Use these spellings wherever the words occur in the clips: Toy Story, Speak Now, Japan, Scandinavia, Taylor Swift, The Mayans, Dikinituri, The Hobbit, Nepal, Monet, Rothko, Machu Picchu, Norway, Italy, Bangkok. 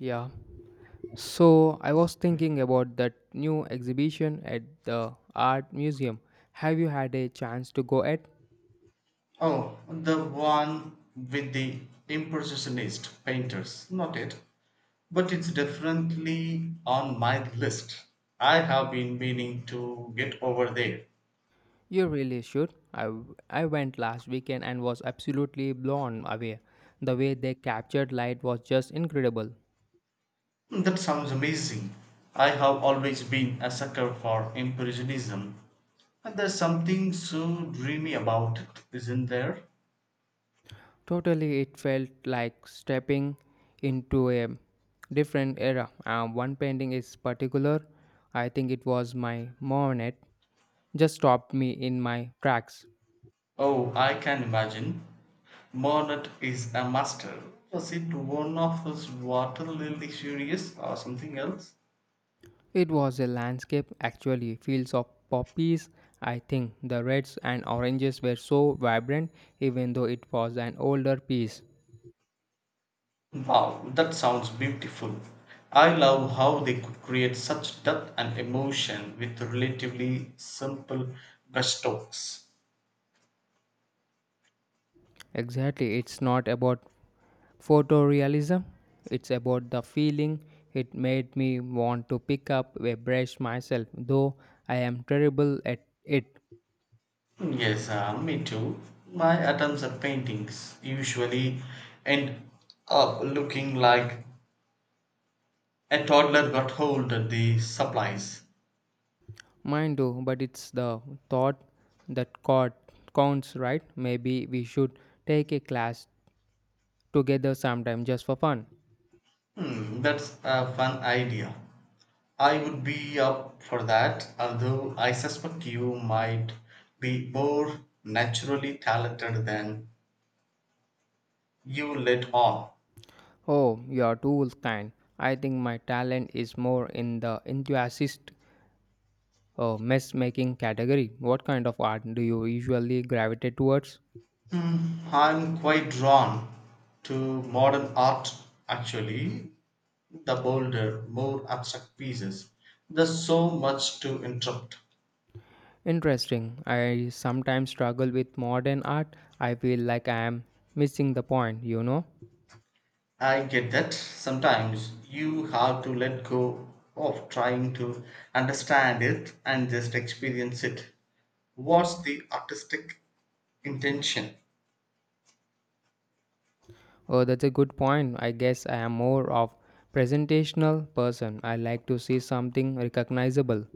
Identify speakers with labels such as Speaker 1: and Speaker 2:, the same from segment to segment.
Speaker 1: Yeah. So I was thinking about that new exhibition at the art museum. Have you had a chance to go at?
Speaker 2: Oh, the one with the impressionist painters. Not it. But it's definitely on my list. I have been meaning to get over there.
Speaker 1: You really should. I went last weekend and was absolutely blown away. The way they captured light was just incredible.
Speaker 2: That sounds amazing. I have always been a sucker for impressionism. And there's something so dreamy about it, isn't there?
Speaker 1: Totally, it felt like stepping into a different era. One painting is particular. I think it was my Monet. Just stopped me in my tracks.
Speaker 2: Oh, I can imagine. Monet is a master. Was it one of his water lily series or something else?
Speaker 1: It was a landscape actually, fields of poppies. I think the reds and oranges were so vibrant, even though it was an older piece.
Speaker 2: Wow, that sounds beautiful. I love how they could create such depth and emotion with relatively simple brushstrokes.
Speaker 1: Exactly, it's not about photorealism, it's about the feeling. It made me want to pick up a brush myself, though I am terrible at it.
Speaker 2: Yes, me too. My attempts at paintings usually end up looking like a toddler got hold of the supplies.
Speaker 1: Mind you, but it's the thought that counts, right? Maybe we should take a class together sometime just for fun.
Speaker 2: Hmm, that's a fun idea. I would be up for that, although I suspect you might be more naturally talented than you let on.
Speaker 1: Oh, you're too kind. I think my talent is more in the enthusiast mess making category. What kind of art do you usually gravitate towards?
Speaker 2: I'm quite drawn to modern art actually, the bolder, more abstract pieces. There's so much to interrupt.
Speaker 1: Interesting. I sometimes struggle with modern art. I feel like I am missing the point, you know?
Speaker 2: I get that sometimes you have to let go of trying to understand it and just experience it. What's the artistic intention?
Speaker 1: Oh, that's a good point. I guess I am more of presentational person. I like to see something recognizable.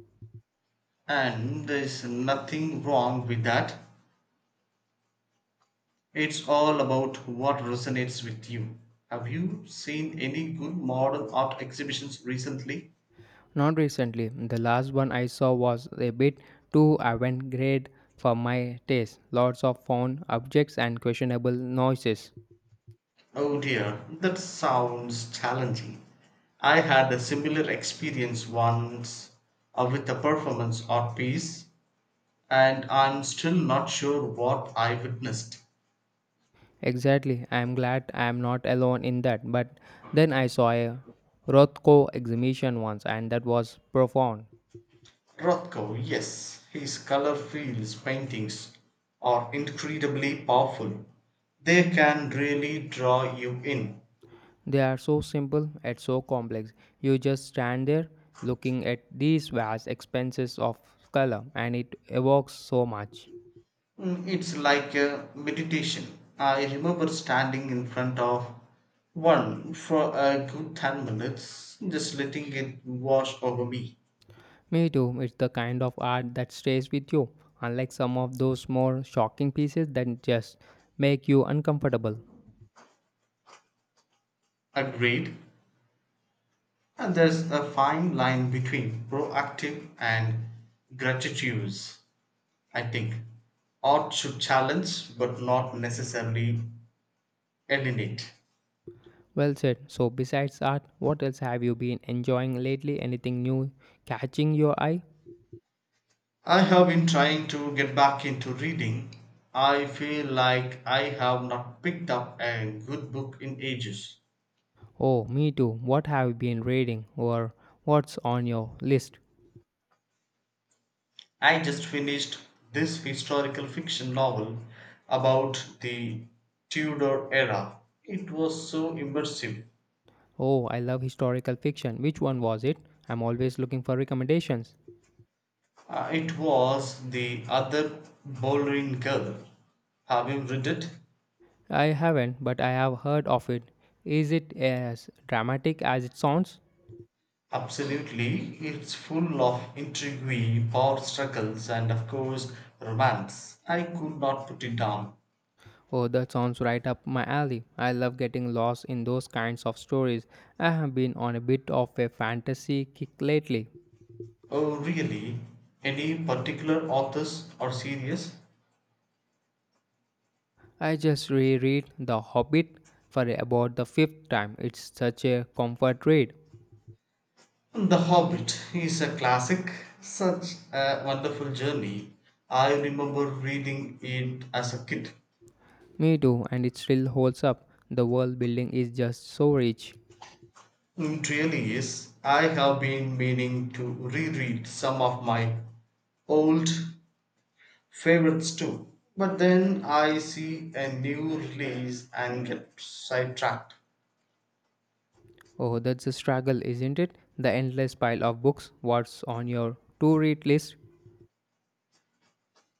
Speaker 2: And there's nothing wrong with that. It's all about what resonates with you. Have you seen any good modern art exhibitions recently?
Speaker 1: Not recently. The last one I saw was a bit too avant-garde for my taste. Lots of found objects and questionable noises.
Speaker 2: Oh dear, that sounds challenging. I had a similar experience once with a performance art piece, and I'm still not sure what I witnessed.
Speaker 1: Exactly. I am glad I am not alone in that. But then I saw a Rothko exhibition once, and that was profound.
Speaker 2: Rothko, yes, his color fields paintings are incredibly powerful. They can really draw you in.
Speaker 1: They are so simple yet so complex. You just stand there looking at these vast expanses of color, and it evokes so much.
Speaker 2: Mm, it's like a meditation. I remember standing in front of one for a good 10 minutes, just letting it wash over me.
Speaker 1: Me too. It's the kind of art that stays with you, unlike some of those more shocking pieces that just make you uncomfortable.
Speaker 2: Agreed. And there's a fine line between proactive and gratitude, I think. Art should challenge, but not necessarily eliminate.
Speaker 1: Well said. So, besides art, what else have you been enjoying lately? Anything new catching your eye?
Speaker 2: I have been trying to get back into reading. I feel like I have not picked up a good book in ages.
Speaker 1: Oh, me too. What have you been reading or what's on your list?
Speaker 2: I just finished this historical fiction novel about the Tudor era. It was so immersive.
Speaker 1: Oh, I love historical fiction. Which one was it? I'm always looking for recommendations.
Speaker 2: It was the other Bowling Girl. Have you read it?
Speaker 1: I haven't, but I have heard of it. Is it as dramatic as it sounds?
Speaker 2: Absolutely. It's full of intrigue, power struggles, and of course, romance. I could not put it down.
Speaker 1: Oh, that sounds right up my alley. I love getting lost in those kinds of stories. I have been on a bit of a fantasy kick lately.
Speaker 2: Oh, really? Any particular authors or series?
Speaker 1: I just reread The Hobbit for about the fifth time. It's such a comfort read.
Speaker 2: The Hobbit is a classic, such a wonderful journey. I remember reading it as a kid.
Speaker 1: Me too, and it still holds up. The world building is just so rich.
Speaker 2: It really is. I have been meaning to reread some of my old favorites too. But then I see a new release and get sidetracked.
Speaker 1: Oh, that's a struggle, isn't it? The endless pile of books. What's on your to read list?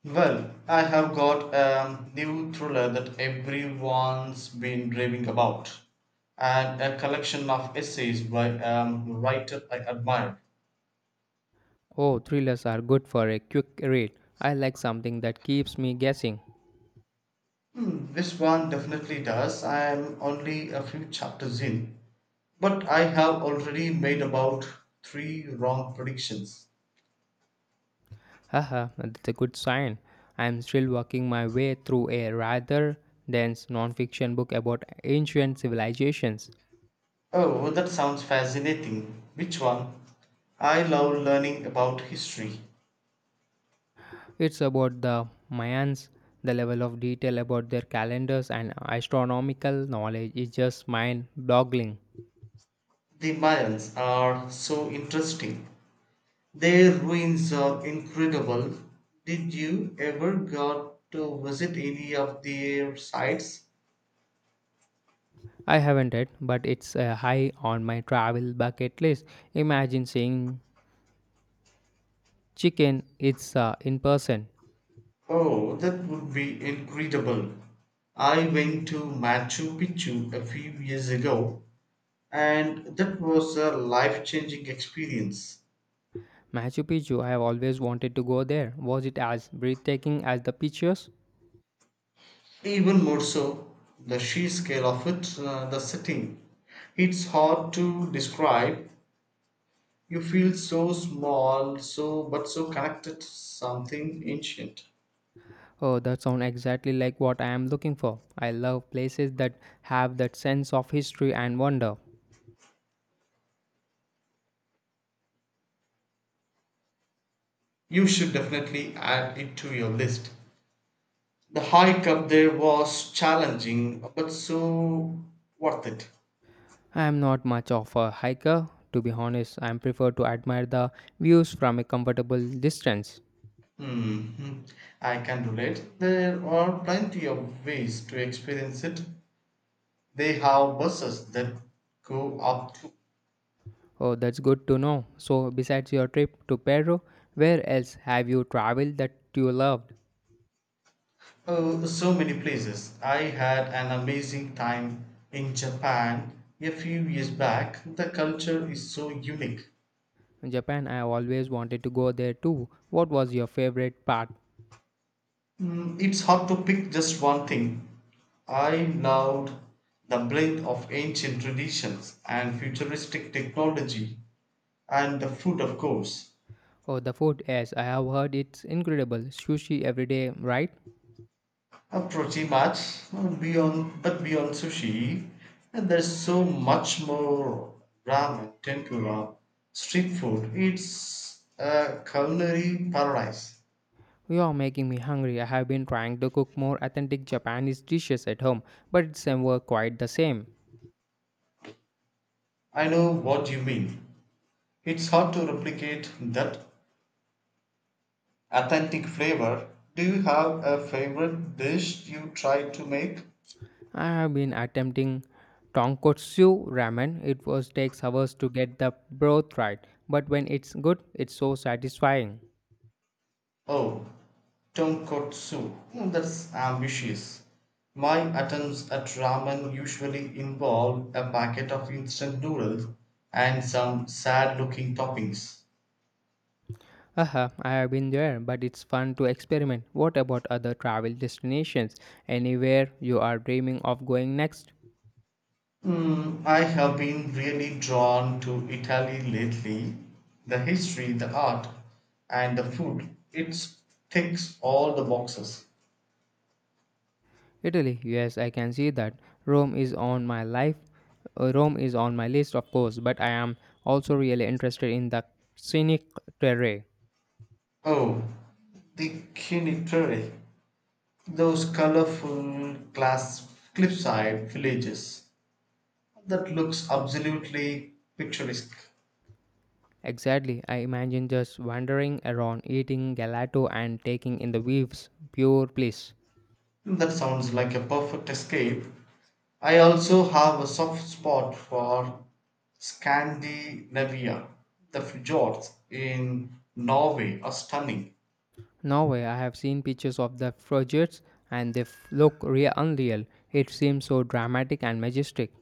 Speaker 2: Well, I have got a new thriller that everyone's been raving about, and a collection of essays by a writer I admire.
Speaker 1: Oh, thrillers are good for a quick read. I like something that keeps me guessing.
Speaker 2: Hmm, this one definitely does. I am only a few chapters in, but I have already made about three wrong predictions.
Speaker 1: Haha, that's a good sign. I'm still working my way through a rather dense nonfiction book about ancient civilizations.
Speaker 2: Oh, that sounds fascinating. Which one? I love learning about history.
Speaker 1: It's about the Mayans. The level of detail about their calendars and astronomical knowledge is just mind boggling.
Speaker 2: The Mayans are so interesting. Their ruins are incredible. Did you ever got to visit any of their sites?
Speaker 1: I haven't read, but it's high on my travel bucket list. Imagine seeing chicken, it's in person.
Speaker 2: Oh, that would be incredible. I went to Machu Picchu a few years ago, and that was a life changing experience.
Speaker 1: Machu Picchu, I have always wanted to go there. Was it as breathtaking as the pictures?
Speaker 2: Even more so, the sheer scale of it, the setting. It's hard to describe. You feel so small, so but so connected to something ancient.
Speaker 1: Oh, that sounds exactly like what I am looking for. I love places that have that sense of history and wonder.
Speaker 2: You should definitely add it to your list. The hike up there was challenging, but so worth it.
Speaker 1: I am not much of a hiker, to be honest. I prefer to admire the views from a comfortable distance.
Speaker 2: Mhm. I can relate. There are plenty of ways to experience it. They have buses that go up to
Speaker 1: Oh, that's good to know. So, besides your trip to Peru, where else have you traveled that you loved?
Speaker 2: oh, so many places. I had an amazing time in Japan a few years back. The culture is so unique.
Speaker 1: Japan, I always wanted to go there too. What was your favorite part?
Speaker 2: Mm, it's hard to pick just one thing. I loved the blend of ancient traditions and futuristic technology, and the food, of course.
Speaker 1: Oh, the food, yes, I have heard it's incredible. Sushi every day, right?
Speaker 2: Pretty much beyond sushi, there's so much more: ramen, tempura, street food. It's a culinary paradise.
Speaker 1: You are making me hungry. I have been trying to cook more authentic Japanese dishes at home, but it's never quite the same.
Speaker 2: I know what you mean. It's hard to replicate that authentic flavor. Do you have a favorite dish you try to make?
Speaker 1: I have been attempting tonkotsu ramen. It was takes hours to get the broth right, but when it's good, it's so satisfying.
Speaker 2: Oh, tonkotsu. Hmm, that's ambitious. My attempts at ramen usually involve a packet of instant noodles and some sad looking toppings.
Speaker 1: Haha, I have been there, but it's fun to experiment. What about other travel destinations? Anywhere you are dreaming of going next?
Speaker 2: Hmm, I have been really drawn to Italy lately. The history, the art, and the food. It ticks all the boxes.
Speaker 1: Italy, yes, I can see that. Rome is on my life. Rome is on my list, of course, but I am also really interested in the scenic terrain.
Speaker 2: Oh, the Dikinituri. Those colorful glass cliffside villages. That looks absolutely picturesque.
Speaker 1: Exactly, I imagine just wandering around, eating gelato and taking in the waves. Pure bliss.
Speaker 2: That sounds like a perfect escape. I also have a soft spot for Scandinavia. The fjords in Norway are stunning.
Speaker 1: Norway, I have seen pictures of the fjords and look real unreal. It seems so dramatic and majestic.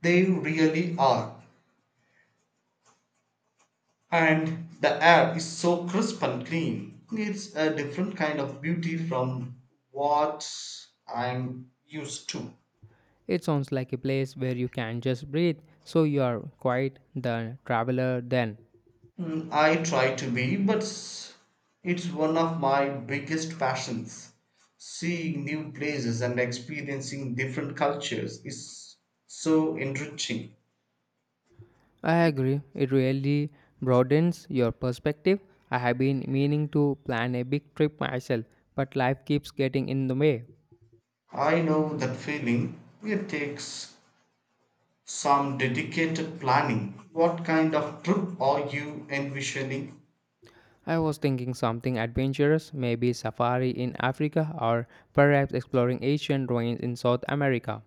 Speaker 2: They really are. And the air is so crisp and clean. It's a different kind of beauty from what I'm used to.
Speaker 1: It sounds like a place where you can just breathe, so you are quite the traveler then.
Speaker 2: Mm, I try to be, but it's one of my biggest passions. Seeing new places and experiencing different cultures is so enriching.
Speaker 1: I agree. It really broadens your perspective. I have been meaning to plan a big trip myself, but life keeps getting in the way.
Speaker 2: I know that feeling. It takes some dedicated planning. What kind of trip are you envisioning?
Speaker 1: I was thinking something adventurous, maybe safari in Africa or perhaps exploring ancient ruins in South America.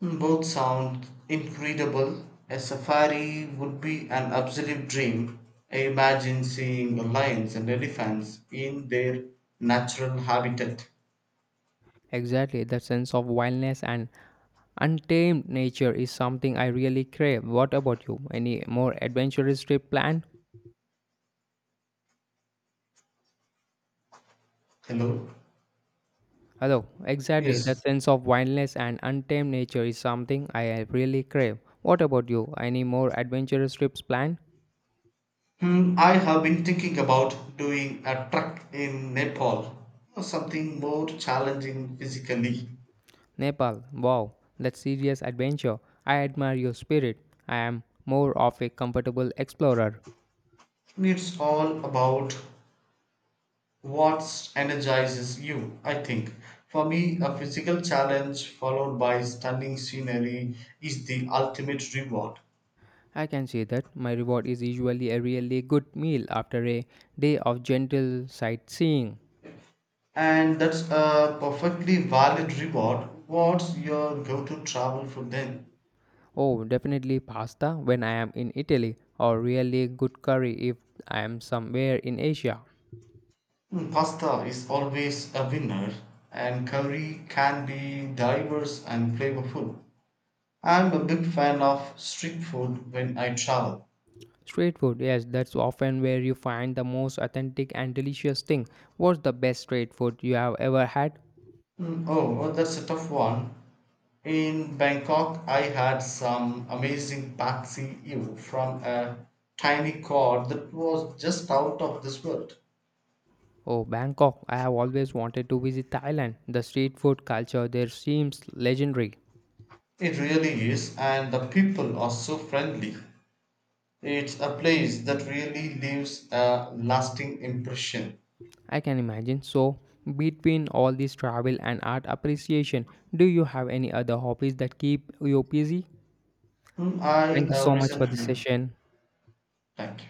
Speaker 2: Hmm, both sound incredible. A safari would be an absolute dream. I imagine seeing lions and elephants in their natural habitat.
Speaker 1: Exactly, that sense of wildness and untamed nature is something I really crave. What about you? Any more adventurous trip planned?
Speaker 2: Hello?
Speaker 1: Hello, exactly. The
Speaker 2: Yes.
Speaker 1: sense of wildness and untamed nature is something I really crave. What about you? Any more adventurous trips planned?
Speaker 2: Hmm, I have been thinking about doing a trek in Nepal. Something more challenging physically.
Speaker 1: Nepal, wow, that's serious adventure. I admire your spirit. I am more of a comfortable explorer.
Speaker 2: It's all about what energizes you? I think for me, a physical challenge followed by stunning scenery is the ultimate reward.
Speaker 1: I can see that my reward is usually a really good meal after a day of gentle sightseeing.
Speaker 2: And that's a perfectly valid reward. What's your go to travel food then?
Speaker 1: Oh, definitely pasta when I am in Italy, or really good curry if I am somewhere in Asia.
Speaker 2: Mm, pasta is always a winner, and curry can be diverse and flavorful. I'm a big fan of street food when I travel.
Speaker 1: Street food, yes, that's often where you find the most authentic and delicious thing. What's the best street food you have ever had?
Speaker 2: Mm, oh, that's a tough one. In Bangkok, I had some amazing patsy ew from a tiny cod that was just out of this world.
Speaker 1: Oh, Bangkok. I have always wanted to visit Thailand. The street food culture there seems legendary.
Speaker 2: It really is, and the people are so friendly. It's a place that really leaves a lasting impression.
Speaker 1: I can imagine. So, between all this travel and art appreciation, do you have any other hobbies that keep you busy?
Speaker 2: Mm,
Speaker 1: Thank you so much for this session.
Speaker 2: thank you.